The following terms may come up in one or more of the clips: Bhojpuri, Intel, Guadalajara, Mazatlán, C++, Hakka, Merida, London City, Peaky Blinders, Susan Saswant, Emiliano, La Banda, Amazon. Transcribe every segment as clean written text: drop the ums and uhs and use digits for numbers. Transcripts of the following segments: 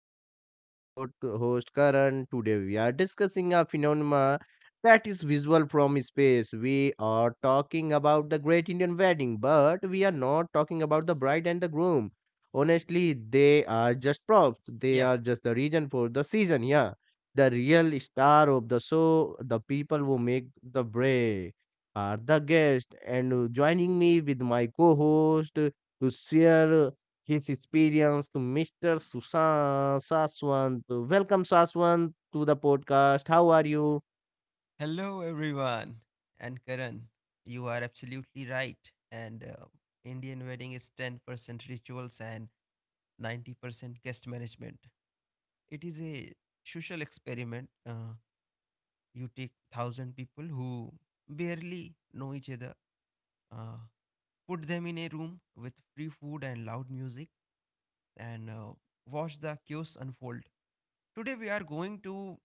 podcast. I'm your host, Karan. Today, we are discussing a phenomenon that is visual from space. We are talking about the Great Indian Wedding, but we are not talking about the bride and the groom. Honestly, they are just props, they Yeah. are just the reason for the season. Yeah, the real star of the show, the people who make the break, are the guests. And joining me with my co host to share his experience to Mr. Susan Saswant. Welcome, Saswant, to the podcast. How are you? Hello, everyone. And Karan, you are absolutely right. And Indian wedding is 10% rituals and 90% guest management. It is a social experiment. You take 1,000 people who barely know each other, uh, put them in a room with free food and loud music, and watch the chaos unfold. Today, we are going to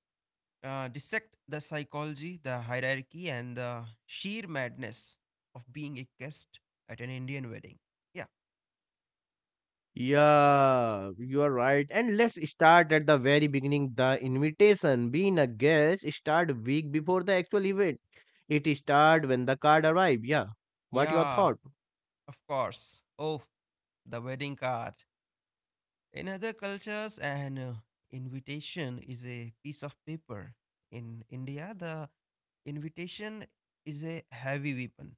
dissect the psychology, the hierarchy, and the sheer madness of being a guest at an Indian wedding. Yeah, Yeah, you are right. And let's start at the very beginning. The invitation, being a guest, start week before the actual event. It start when the card arrive. Yeah. What your yeah, thought? of course. Oh, the wedding card. In other cultures, an invitation is a piece of paper. In India, the invitation is a heavy weapon.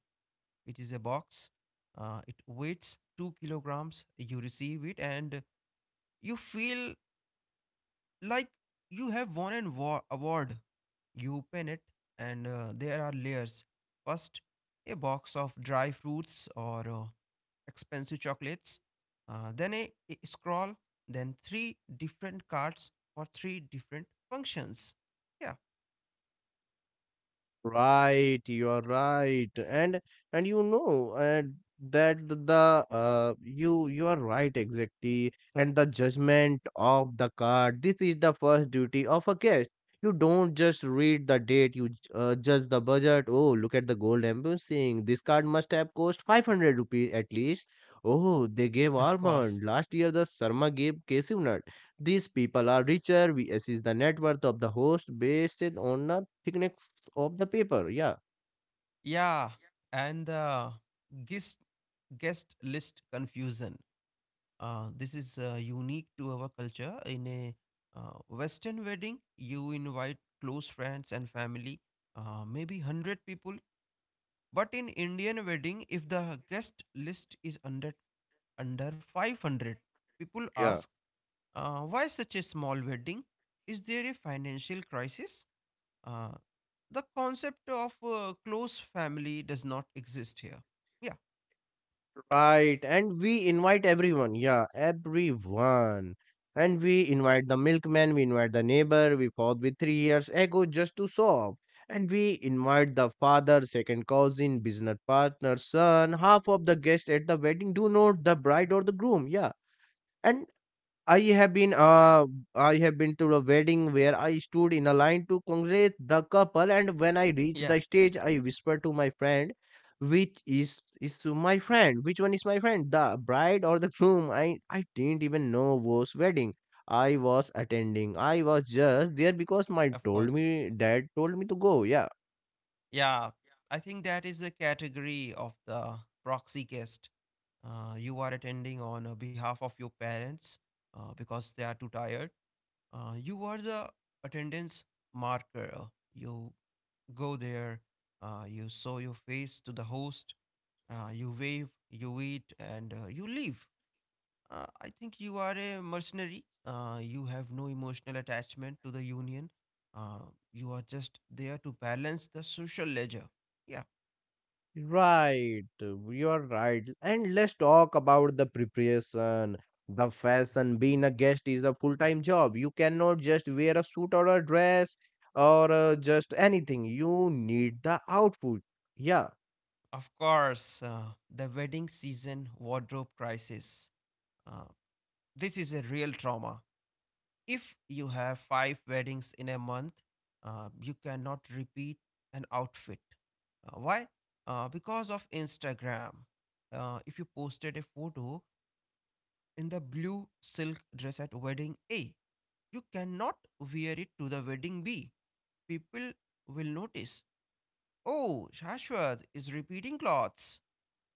It is a box. It weighs 2 kilograms. You receive it, and you feel like you have won an award. You open it, and there are layers. First, a box of dry fruits or expensive chocolates, then a scroll, then three different cards for three different functions. Yeah. Right, you are right, and you know that the you you are right exactly, and the judgment of the card. This is the first duty of a guest. You don't just read the date. You judge the budget. Oh, look at the gold embossing. This card must have cost 500 rupees at least. Oh, they gave Of course. almond last year. The Sarma gave cashew nut. These people are richer. We assess the net worth of the host based on the thickness of the paper. Yeah. Yeah, and the guest guest list confusion. This is unique to our culture. In a Western wedding, you invite close friends and family, maybe 100 people. But in Indian wedding, if the guest list is under 500, people Yeah. ask, why such a small wedding? Is there a financial crisis? Uh, the concept of close family does not exist here. Yeah, Right, and we invite everyone. Yeah, everyone. And we invite the milkman, we invite the neighbor we fought with 3 years ago just to show off. And we invite the father, second cousin, business partner, son, half of the guests at the wedding do not the bride or the groom. Yeah. And I have been uh I have been to a wedding where I stood in a line to congratulate the couple, and when I reached yeah, the stage I whispered to my friend, which one is my friend, the bride or the groom? I didn't even know whose wedding I was attending. I was just there because my of told course. me dad told me to go. Yeah. Yeah, I think that is the category of the proxy guest. You are attending on behalf of your parents, because they are too tired. You are the attendance marker. You go there, you show your face to the host, you wave, you eat, and you leave. I think you are a mercenary. You have no emotional attachment to the union. Uh, you are just there to balance the social ledger. Yeah, Right, you are right. And let's talk about the preparation. The fashion, being a guest is a full-time job. You cannot just wear a suit or a dress or just anything. You need the outfit. Yeah, of course, the wedding season wardrobe crisis. Uh, this is a real trauma if you have five weddings in a month. You cannot repeat an outfit. Why? Because of Instagram. If you posted a photo in the blue silk dress at wedding A, you cannot wear it to the wedding B. People will notice. Oh, Shashwat is repeating clothes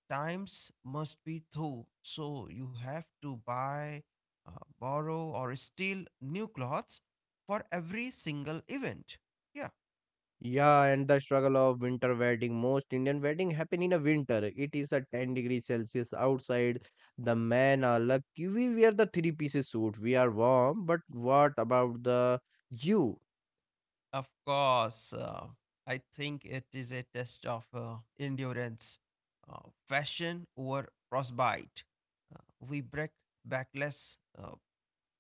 times must be through, so you have to buy, borrow, or steal new clothes for every single event. Yeah. yeah, and the struggle of winter wedding. Most Indian wedding happen in a winter. It is a 10-degree Celsius outside. The men are lucky, we wear the three-piece suit. We are warm, but what about the you? Of course, I think it is a test of endurance, fashion over frostbite. Uh, we break backless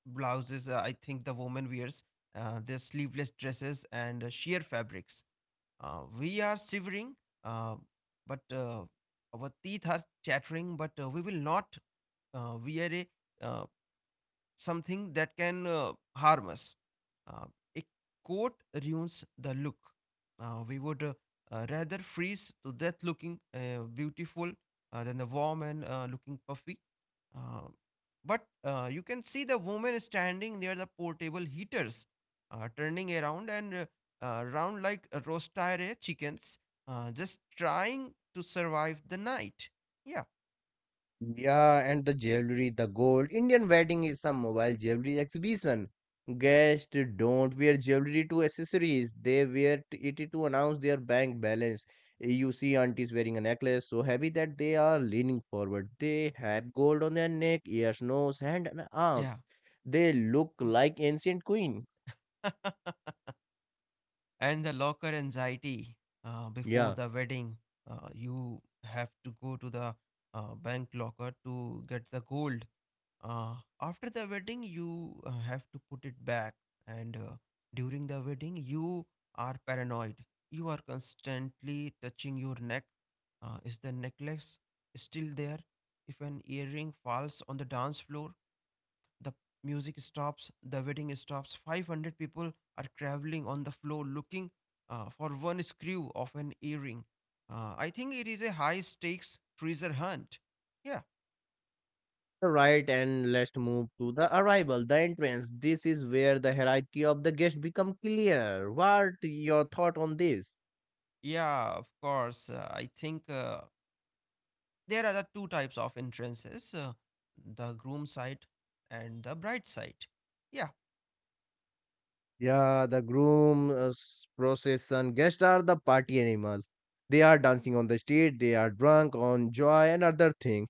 blouses, I think the woman wears, their sleeveless dresses, and sheer fabrics. We are shivering, uh, but our teeth are chattering, but we will not wear uh, something that can harm us. Uh, a coat ruins the look. We would rather freeze to death looking beautiful than the warm and looking puffy, uh, but you can see the woman standing near the portable heaters, turning around and round like a roaster chickens, just trying to survive the night. Yeah, Yeah, and the jewelry, the gold. Indian wedding is a mobile jewelry exhibition. Guests don't wear jewelry to accessories. They wear it to announce their bank balance. You see aunties wearing a necklace so heavy that they are leaning forward. They have gold on their neck, ears, nose, hand, and arms. yeah. They look like ancient queen. And the locker anxiety. Before Yeah. the wedding you have to go to the bank locker to get the gold. uh, After the wedding you have to put it back, and during the wedding you are paranoid. You are constantly touching your neck. Is the necklace still there? If an earring falls on the dance floor, the music stops, the wedding stops. 500 people are traveling on the floor looking for one screw of an earring. I think it is a high stakes treasure hunt. Yeah, Right, and let's move to the arrival, the entrance. This is where the hierarchy of the guest become clear. What your thought on this? yeah, of course. I think there are the two types of entrances, the groom side and the bride side. Yeah, Yeah, the groom, procession, guests are the party animal. They are dancing on the street, they are drunk on joy and other things.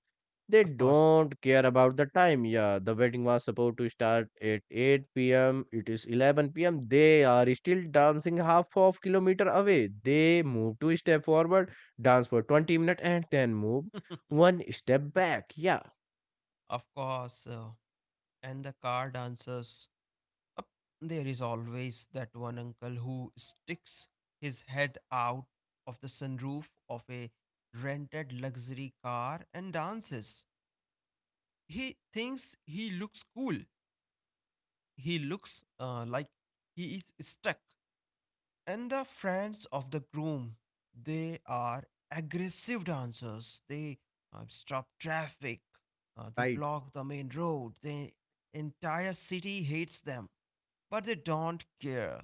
They of course. don't care about the time. Yeah, the wedding was supposed to start at 8 pm. It is 11 pm. They are still dancing half of kilometer away. They move two step forward, dance for 20 minutes and then move one step back. Yeah, Of course. And the car dancers. Up there is always that one uncle who sticks his head out of the sunroof of a rented luxury car and dances. He thinks he looks cool. He looks like he is stuck. And the friends of the groom, they are aggressive dancers. They stop traffic. They right. block the main road. The entire city hates them, but they don't care.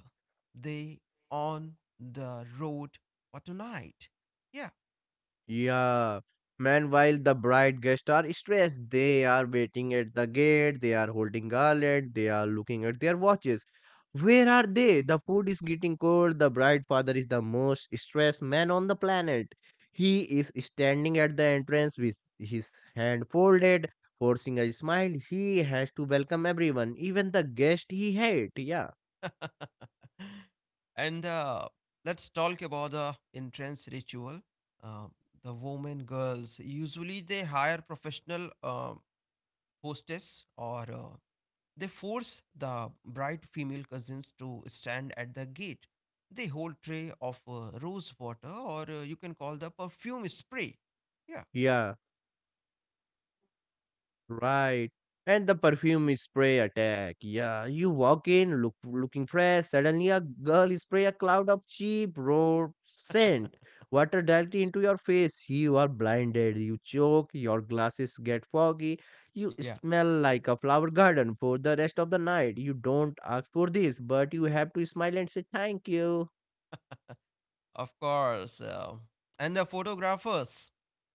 They on the road for tonight. Yeah. Yeah. Man, while the bride guests are stressed, they are waiting at the gate, they are holding garland, they are looking at their watches. Where are they? The food is getting cold. The bride father is the most stressed man on the planet. He is standing at the entrance with his hand folded, forcing a smile. He has to welcome everyone, even the guest he hates. Yeah. And let's talk about the entrance ritual. Uh, the women, girls, usually they hire professional hostess or they force the bride female cousins to stand at the gate. They hold tray of rose water or you can call the perfume spray. Yeah. Right. And the perfume spray attack. Yeah, you walk in looking fresh. Suddenly, a girl spray a cloud of cheap road scent, water directly into your face. You are blinded. You choke. Your glasses get foggy. You Yeah. smell like a flower garden for the rest of the night. You don't ask for this, but you have to smile and say thank you. Of course. And the photographers,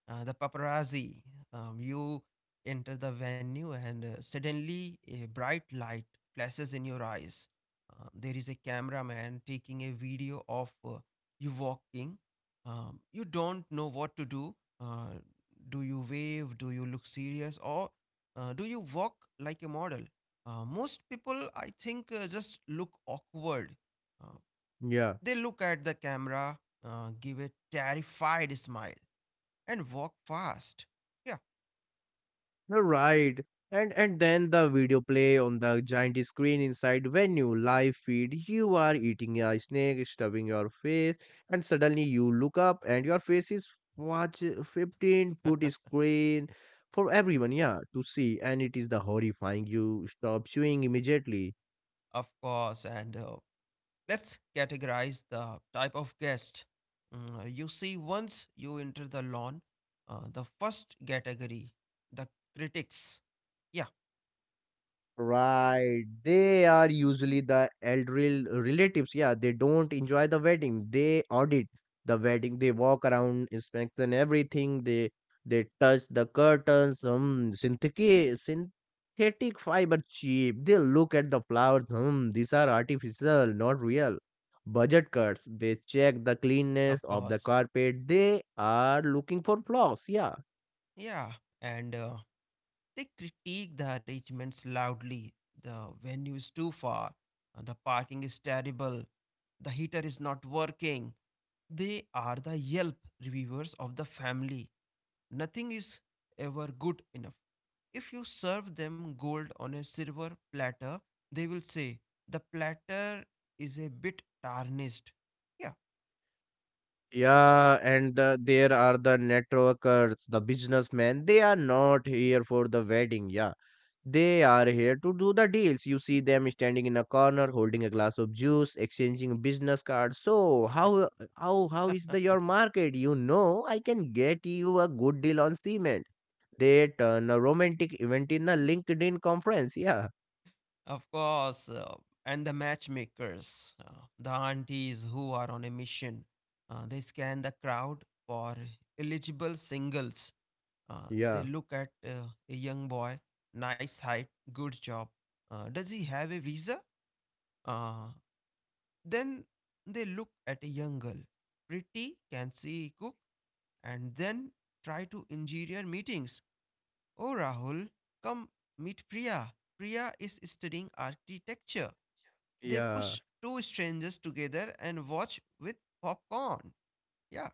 the paparazzi. You enter the venue, and suddenly a bright light flashes in your eyes. There is a cameraman taking a video of you walking. You don't know what to do. Uh, do you wave? Do you look serious? Or do you walk like a model? Most people, I think, just look awkward. Uh, Yeah. they look at the camera, give a terrified smile, and walk fast. Yeah, No, right. And then the video play on the giant screen inside venue, live feed, you are eating a snake, stubbing your face, and suddenly you look up and your face is watch 15-foot screen for everyone, yeah, to see. And it is the horrifying, you stop chewing immediately. of course. And let's categorize the type of guest. Mm, you see, once you enter the lawn, the first category, the critics. Yeah, Right. They are usually the elderly relatives. Yeah, they don't enjoy the wedding. They audit the wedding. They walk around, inspect and everything. They touch the curtains. Synthetic fiber cheap. They look at the flowers. Hmm, these are artificial, not real. Budget cuts. They check the cleanness of of the course. carpet. They are looking for flaws. Yeah. Yeah, and they critique the arrangements loudly. The venue is too far. The parking is terrible. The heater is not working. They are the Yelp reviewers of the family. Nothing is ever good enough. If you serve them gold on a silver platter, they will say, the platter is a bit tarnished. Yeah. Yeah, and there are the networkers, the businessmen. They are not here for the wedding. Yeah, they are here to do the deals. You see them standing in a corner, holding a glass of juice, exchanging business cards. So how is the your market? You know, I can get you a good deal on cement. They turn a romantic event in a LinkedIn conference. Yeah, Of course, and the matchmakers, the aunties who are on a mission. They scan the crowd for eligible singles. They yeah, look at a young boy, nice height, good job. Does he have a visa? Uh, then they look at a young girl, pretty, can see, cook, and then try to engineer meetings. Oh, Rahul, come meet Priya. Priya is studying architecture. They yeah. push two strangers together and watch with popcorn. Yeah,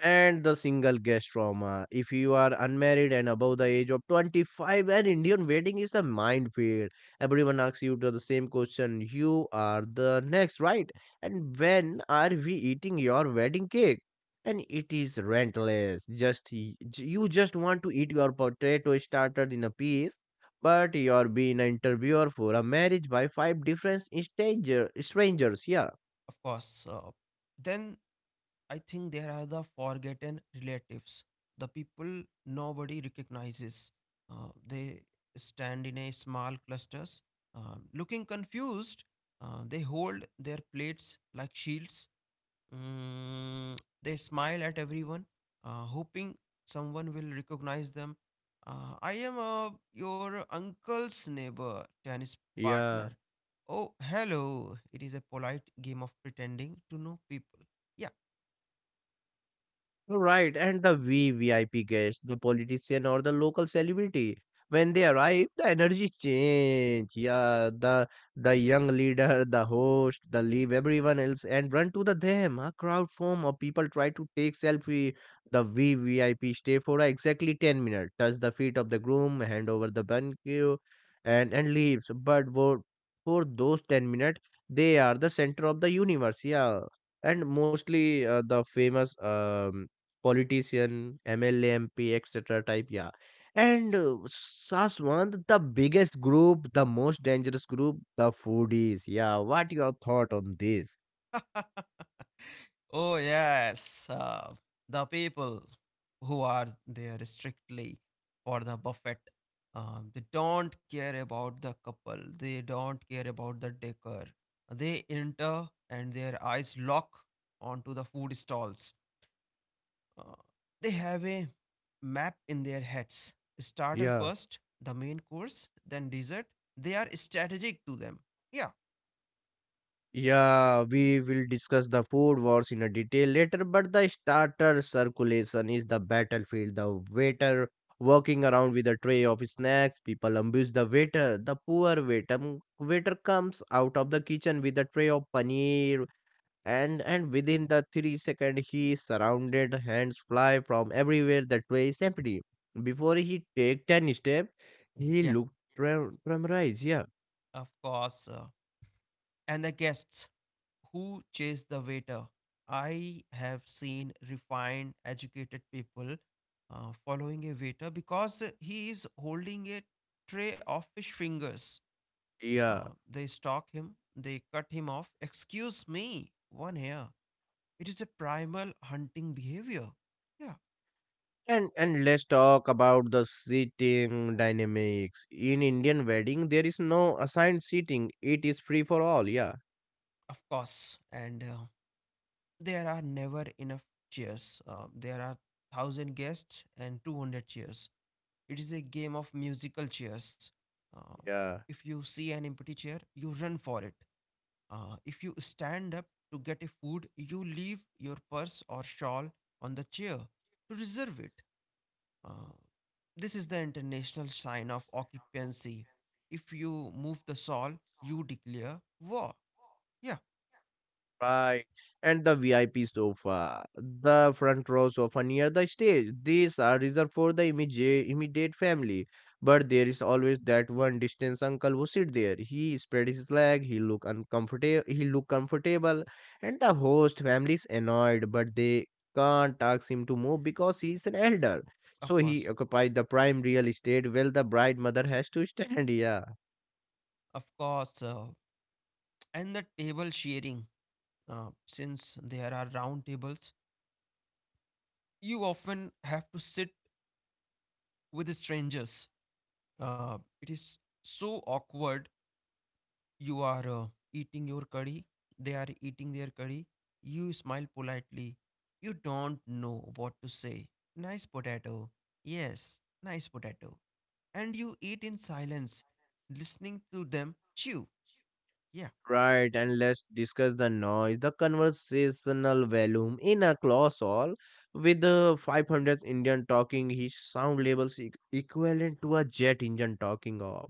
And the single guest trauma. If you are unmarried and above the age of 25, an Indian wedding is a minefield. Everyone asks you to the same question. You are the next, right? And when are we eating your wedding cake? And it is rentless. You just want to eat your potato starter in a piece, but you're being an interviewer for a marriage by five different strangers. Yeah, of course. Then I think there are the forgotten relatives, the people nobody recognizes. They stand in a small clusters, looking confused. They hold their plates like shields. Mm, they smile at everyone, hoping someone will recognize them. I am your uncle's neighbor, tennis yeah. partner. Oh, hello. It is a polite game of pretending to know people. Yeah. Right, and the VVIP guest, the politician or the local celebrity, when they arrive, the energy change. Yeah, the young leader, the host, the leave everyone else and run to the them. A crowd form of people try to take selfie. The VVIP stay for exactly 10 minutes, touch the feet of the groom, hand over the bouquet, and leaves. But for those 10 minutes, they are the center of the universe. Yeah, and mostly the famous politician, MLA, MP, etc. type. Yeah. And Saswant, the biggest group, the most dangerous group, the foodies. Yeah. What your thought on this? Oh yes, the people who are there strictly for the buffet. They don't care about the couple. They don't care about the decor. They enter and their eyes lock onto the food stalls. Uh, they have a map in their heads. Starter Yeah. first, the main course, then dessert. They are strategic to them. Yeah, Yeah, we will discuss the food wars in a detail later, but the starter circulation is the battlefield. The waiter walking around with a tray of snacks, people abuse the waiter. The poor waiter, waiter comes out of the kitchen with a tray of paneer and within the 3 second he surrounded, hands fly from everywhere, that way is empty before he take 10 step. He yeah, looked traumatized. Yeah. of course. And the guests who chase the waiter. I have seen refined, educated people following a waiter because he is holding a tray of fish fingers. Yeah. They stalk him, they cut him off. Excuse me, one here. It is a primal hunting behavior. Yeah, And let's talk about the seating dynamics in Indian wedding. There is no assigned seating, it is free for all. Yeah. of course. And there are never enough chairs. There are 1,000 guests and 200 chairs. It is a game of musical chairs. Uh, Yeah. if you see an empty chair, you run for it. If you stand up to get a food, you leave your purse or shawl on the chair to reserve it. Uh, this is the international sign of occupancy. If you move the shawl, you declare war. Yeah, Right. And the VIP sofa, the front row sofa near the stage. These are reserved for the immediate, immediate family. But there is always that one distance uncle who sit there. He spread his leg, he look comfortable, and the host family is annoyed, but they can't ask him to move because he is an elder. of So he course. occupied the prime real estate while the bride mother has to stand, yeah. Of course. And the table sharing, since there are round tables, you often have to sit with strangers. It is so awkward. You are eating your curry, they are eating their curry. You smile politely. You don't know what to say. Nice potato. Yes, nice potato. And you eat in silence, listening to them chew. Yeah, Right, and let's discuss the noise, the conversational volume in a class hall with the 500 Indian talking. His sound levels e- equivalent to a jet engine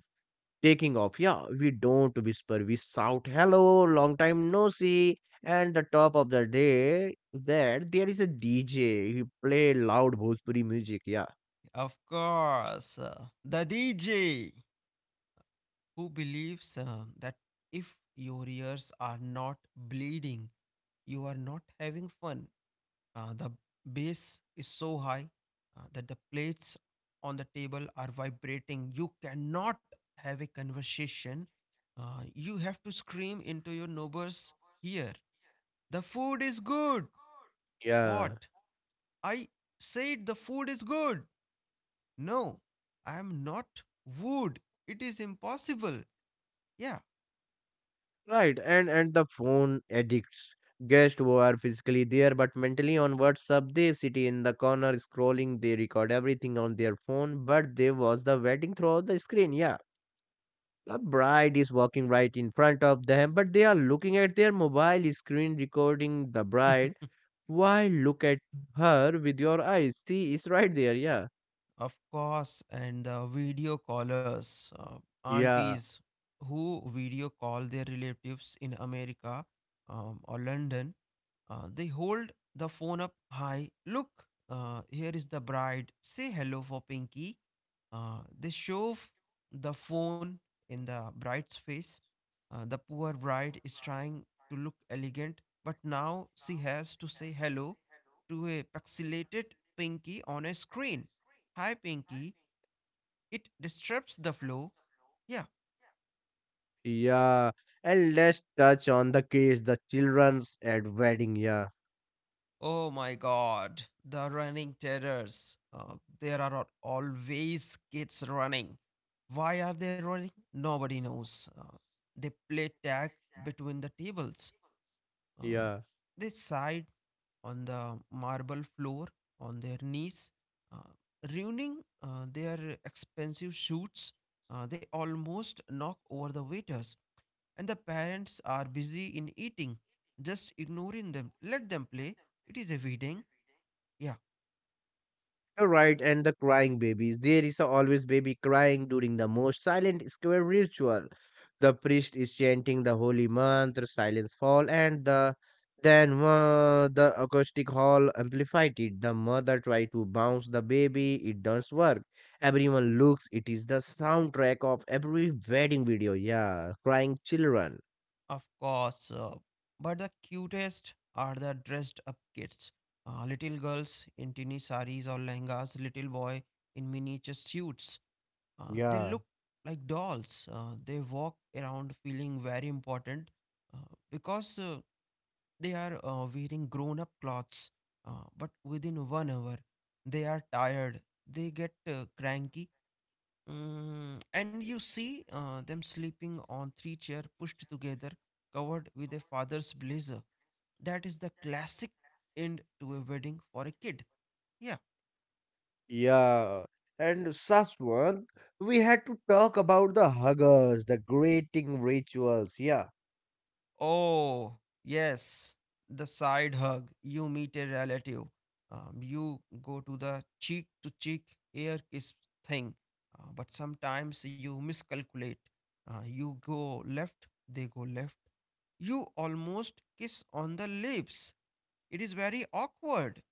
taking off. Yeah, we don't whisper, we shout, "Hello, long time no see!" And the top of the day, that there is a DJ. He play loud Bhojpuri music. Yeah, of course. The DJ who believes that if your ears are not bleeding, you are not having fun. The bass is so high that the plates on the table are vibrating. You cannot have a conversation. You have to scream into your neighbor's ear. The food is good. yeah. What? I said the food is good. No, I am not wood. It is impossible. Yeah. Right, and the phone addicts. Guests who are physically there but mentally on WhatsApp, they sit in the corner scrolling, they record everything on their phone, but they watch the wedding throughout the screen. Yeah. The bride is walking right in front of them, but they are looking at their mobile screen recording the bride. Why look at her with your eyes? She is right there, yeah. Of course, and the video callers, Yeah. aunties who video call their relatives in America, or London. They hold the phone up high. Look, here is the bride. Say hello for Pinky. They shove the phone in the bride's face. The poor bride is trying to look elegant, but now she has to say hello to a pixelated Pinky on a screen. Hi, Pinky. It disrupts the flow. Yeah. Yeah. Yeah, and let's touch on the case the children's at wedding. Yeah, Oh my god. The running terrors. There are always kids running. Why are they running? Nobody knows. They play tag between the tables. Uh, yeah. they side on the marble floor on their knees, uh, ruining their expensive shoots. They almost knock over the waiters. And the parents are busy in eating, just ignoring them, let them play. It is a feeding. Yeah. You're right, and the crying babies. There is a always baby crying during the most silent square ritual. The priest is chanting the holy mantra, silence fall, and the acoustic hall amplified it. The mother tried to bounce the baby, it does not work. Everyone looks, it is the soundtrack of every wedding video. Yeah, crying children. Of course. But the cutest are the dressed up kids. Little girls in teeny saris or lehengas, little boy in miniature suits. They Yeah. look like dolls. They walk around feeling very important uh, because they are wearing grown up clothes. But within 1 hour, they are tired. They get cranky. And you see them sleeping on three chair pushed together, covered with a father's blazer. That is the classic end to a wedding for a kid. Yeah. Yeah, and Saswan, we had to talk about the huggers, the greeting rituals. Yeah, Oh, yes, the side hug. You meet a relative. You go to the cheek to cheek air kiss thing. But sometimes you miscalculate. You go left, they go left. You almost kiss on the lips. It is very awkward.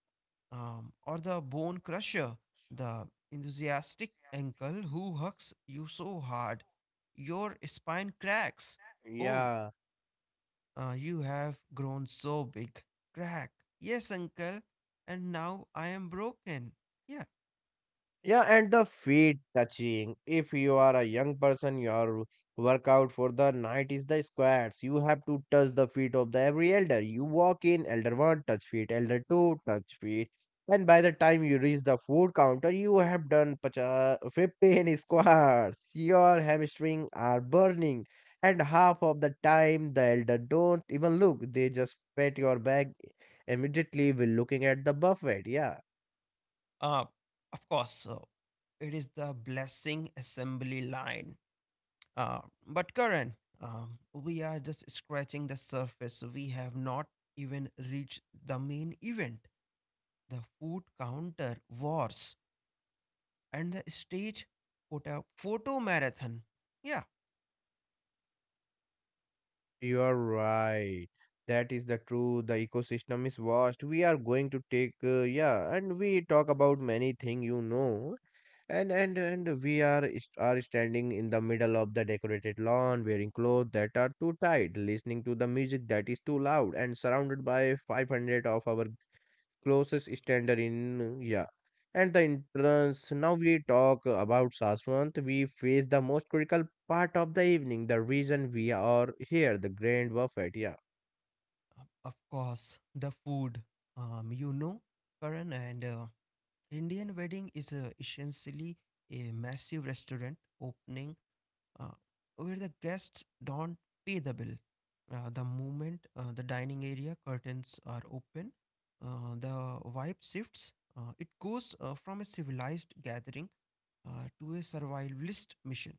Or the bone crusher, the enthusiastic uncle who hugs you so hard, your spine cracks. Oh, yeah, you have grown so big. Crack. Yes, uncle. And now I am broken. Yeah. yeah, and the feet touching. If you are a young person, your workout for the night is the squats. You have to touch the feet of the every elder. You walk in, elder one, touch feet, elder two, touch feet. And by the time you reach the food counter, you have done pacha 15 squats. Your hamstring are burning. And half of the time, the elder don't even look. They just pat your back immediately while looking at the buffet. Yeah. Uh, of course. So it is the blessing assembly line. Uh, but Karan, we are just scratching the surface. We have not even reached the main event, the food counter wars, and the stage photo marathon. Yeah, You are right. That is the truth. The ecosystem is vast. We are going to take yeah, and we talk about many thing. And we are standing in the middle of the decorated lawn, wearing clothes that are too tight, listening to the music that is too loud, and surrounded by 500 of our closest standard in yeah. And the entrance, now we talk about Saswant, we face the most critical part of the evening, the reason we are here, the grand buffet. Yeah. of course, the food. You know, Karan, and Indian wedding is essentially a massive restaurant opening, uh, where the guests don't pay the bill. The moment the dining area curtains are open, the vibe shifts. It goes from a civilized gathering to a survivalist mission.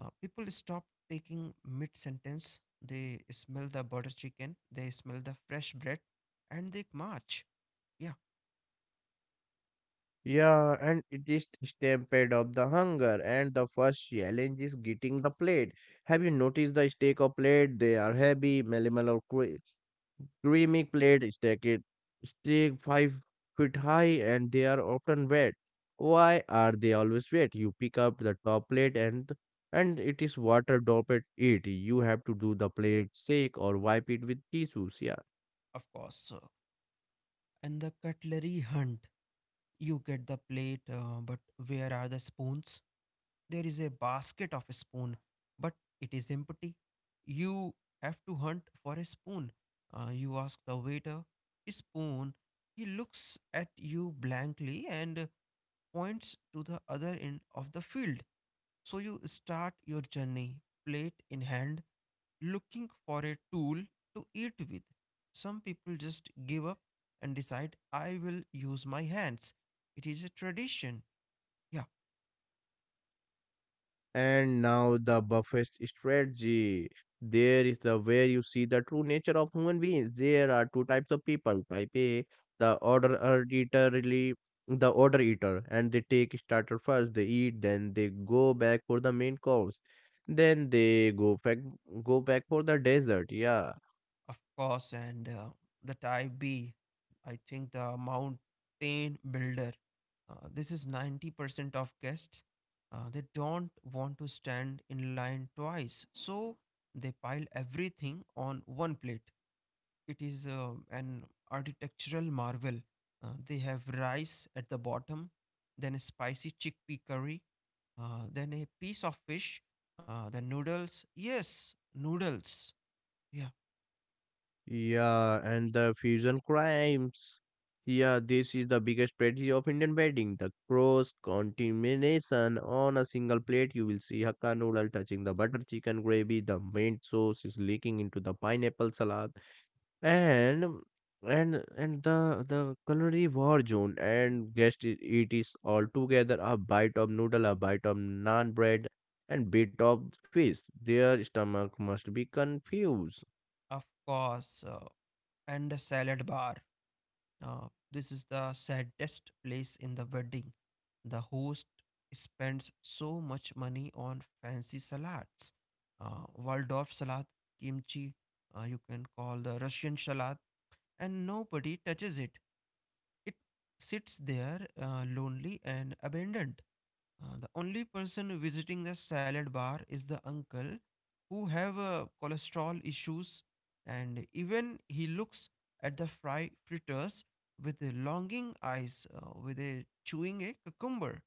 People stop taking mid sentence. They smell the butter chicken, they smell the fresh bread, and they march. Yeah, Yeah, and it is stampede of the hunger, and the first challenge is getting the plate. Have you noticed the steak or plate? They are heavy, minimal or quick, creamy clad, stacked, stay 5 feet high, and they are often wet. Why are they always wet? You pick up the top plate, and it is water dropped it. You have to do the plate shake or wipe it with tissues. Yeah. of course. And the cutlery hunt. You get the plate, but where are the spoons? There is a basket of spoon, but it is empty. You have to hunt for a spoon. You ask the waiter, spoon. He looks at you blankly and points to the other end of the field. So you start your journey, plate in hand, looking for a tool to eat with. Some people just give up and decide I will use my hands. It is a tradition. Yeah, And now the buffet strategy. There is the where you see the true nature of human beings. There are two types of people. Type A, the order eater really the order eater, and they take starter first, they eat, then they go back for the main course. Then they go back for the dessert. Yeah. of course. And the type B, I think the mountain builder. This is 90% of guests. They don't want to stand in line twice. So they pile everything on one plate. It is an architectural marvel. They have rice at the bottom, then a spicy chickpea curry, then a piece of fish, then noodles. Yes, noodles. Yeah, Yeah, and the fusion crimes. Yeah, this is the biggest tragedy of Indian wedding. The cross contamination on a single plate. You will see Hakka noodle touching the butter chicken gravy. The main sauce is leaking into the pineapple salad, and the culinary war zone. And it is all together. A bite of noodle, a bite of naan bread, and bit of fish. Their stomach must be confused. of course. And a salad bar. This is the saddest place in the wedding. The host spends so much money on fancy salads. Waldorf salad, kimchi, you can call the Russian salad, and nobody touches it. It sits there lonely and abandoned. The only person visiting the salad bar is the uncle who have cholesterol issues, and even he looks at the fry fritters with a longing eyes with a chewing a cucumber.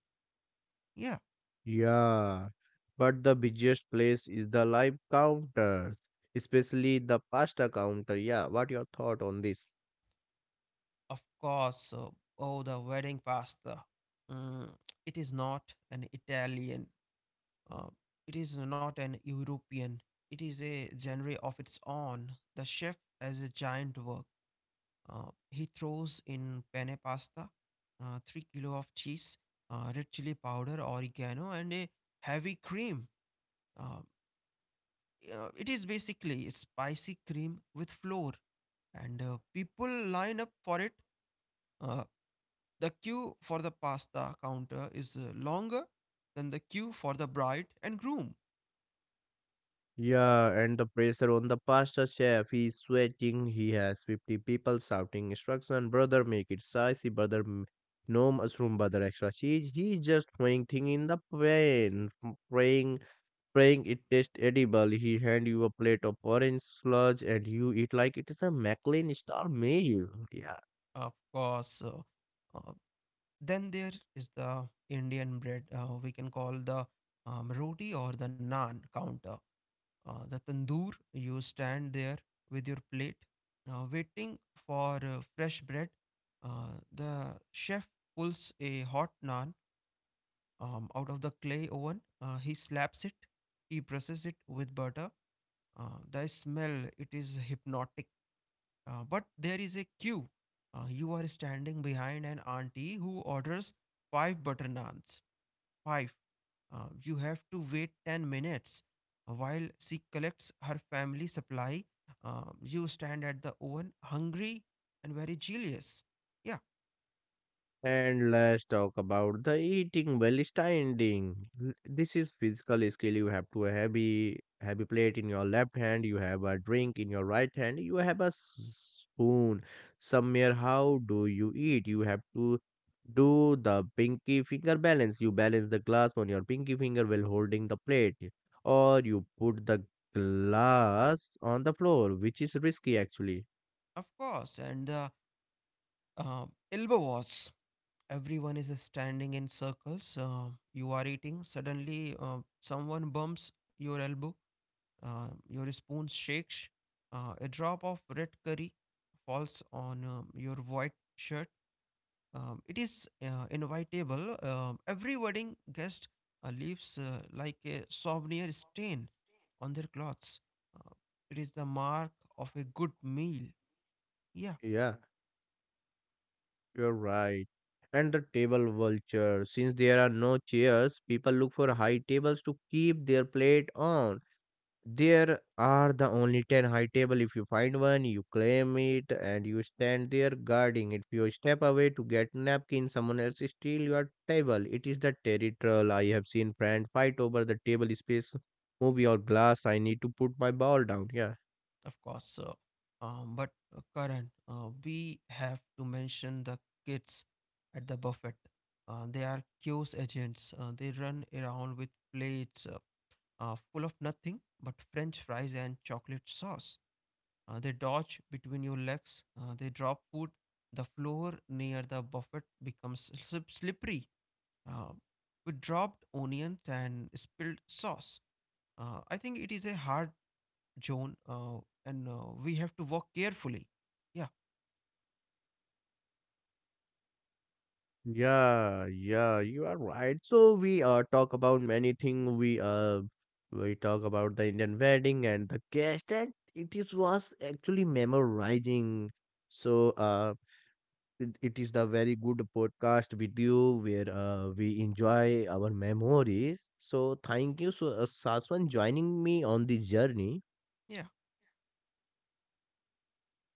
Yeah, Yeah, but the busiest place is the live counters, especially the pasta counter. Yeah, what your thought on this? of course. Oh, the wedding pasta. Mm, it is not an italian, uh, it is not an european, it is a genre of its own. The chef has a giant work. He throws in penne pasta, 3 kilo of cheese, red chili powder, oregano, and a heavy cream. Uh, it is basically spicy cream with flour, and people line up for it. Uh, the queue for the pasta counter is longer than the queue for the bride and groom. Yeah, and the pressure on the pasta chef. He's sweating. He has 50 people shouting instruction, brother, make it spicy, brother, no mushroom, brother, extra cheese. He's just throwing thing in the pan, praying, praying it tastes edible. He hand you a plate of orange sludge and you eat like it is a McLean star meal. Of course. Uh, then there is the Indian bread, we can call the roti or the naan counter. The tandoor. You stand there with your plate waiting for fresh bread. The chef pulls a hot naan out of the clay oven. He slaps it, he presses it with butter. The smell, it is hypnotic. But there is a queue. You are standing behind an auntie who orders five butter naans. Five, you have to wait 10 minutes while she collects her family supply. You stand at the oven, hungry and very jealous. Yeah, And let's talk about the eating while standing. This is physical skill. You have to a heavy plate in your left hand. You have a drink in your right hand. You have a spoon somewhere. How do you eat? You have to do the pinky finger balance. You balance the glass on your pinky finger while holding the plate, or you put the glass on the floor, which is risky actually. of course. And the elbow was. Everyone is standing in circles. You are eating. Suddenly, someone bumps your elbow. Your spoon shakes. A drop of red curry falls on your white shirt. It is inevitable. Every wedding guest leaves like a souvenir stain on their clothes. Uh, it is the mark of a good meal. Yeah, Yeah. You're right. And the table vulture. Since there are no chairs, people look for high tables to keep their plate on. There are the only 10 high table. If you find one, you claim it and you stand there guarding it. If you step away to get napkin, someone else steal your table. It is the territorial. I have seen friend fight over the table space, movie or glass. I need to put my ball down. Yeah. of course. But Karan, we have to mention the kids at the buffet. They are chaos agents. They run around with plates full of nothing but French fries and chocolate sauce. They dodge between your legs. They drop food. The floor near the buffet becomes slippery uh, with dropped onions and spilled sauce. I think it is a hard zone, and we have to walk carefully. Yeah, Yeah, yeah, you are right. So we talk about many things. We talk about the Indian wedding and the guest, and it is was actually memorizing. So it is the very good podcast with you where we enjoy our memories. So thank you so Saswan joining me on this journey. yeah.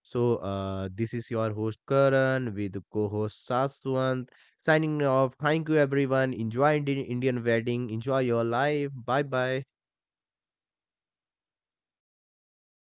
So, this is your host Karan with co-host Saswant signing off. Thank you everyone. Enjoy Indian wedding. Enjoy your life. Bye bye.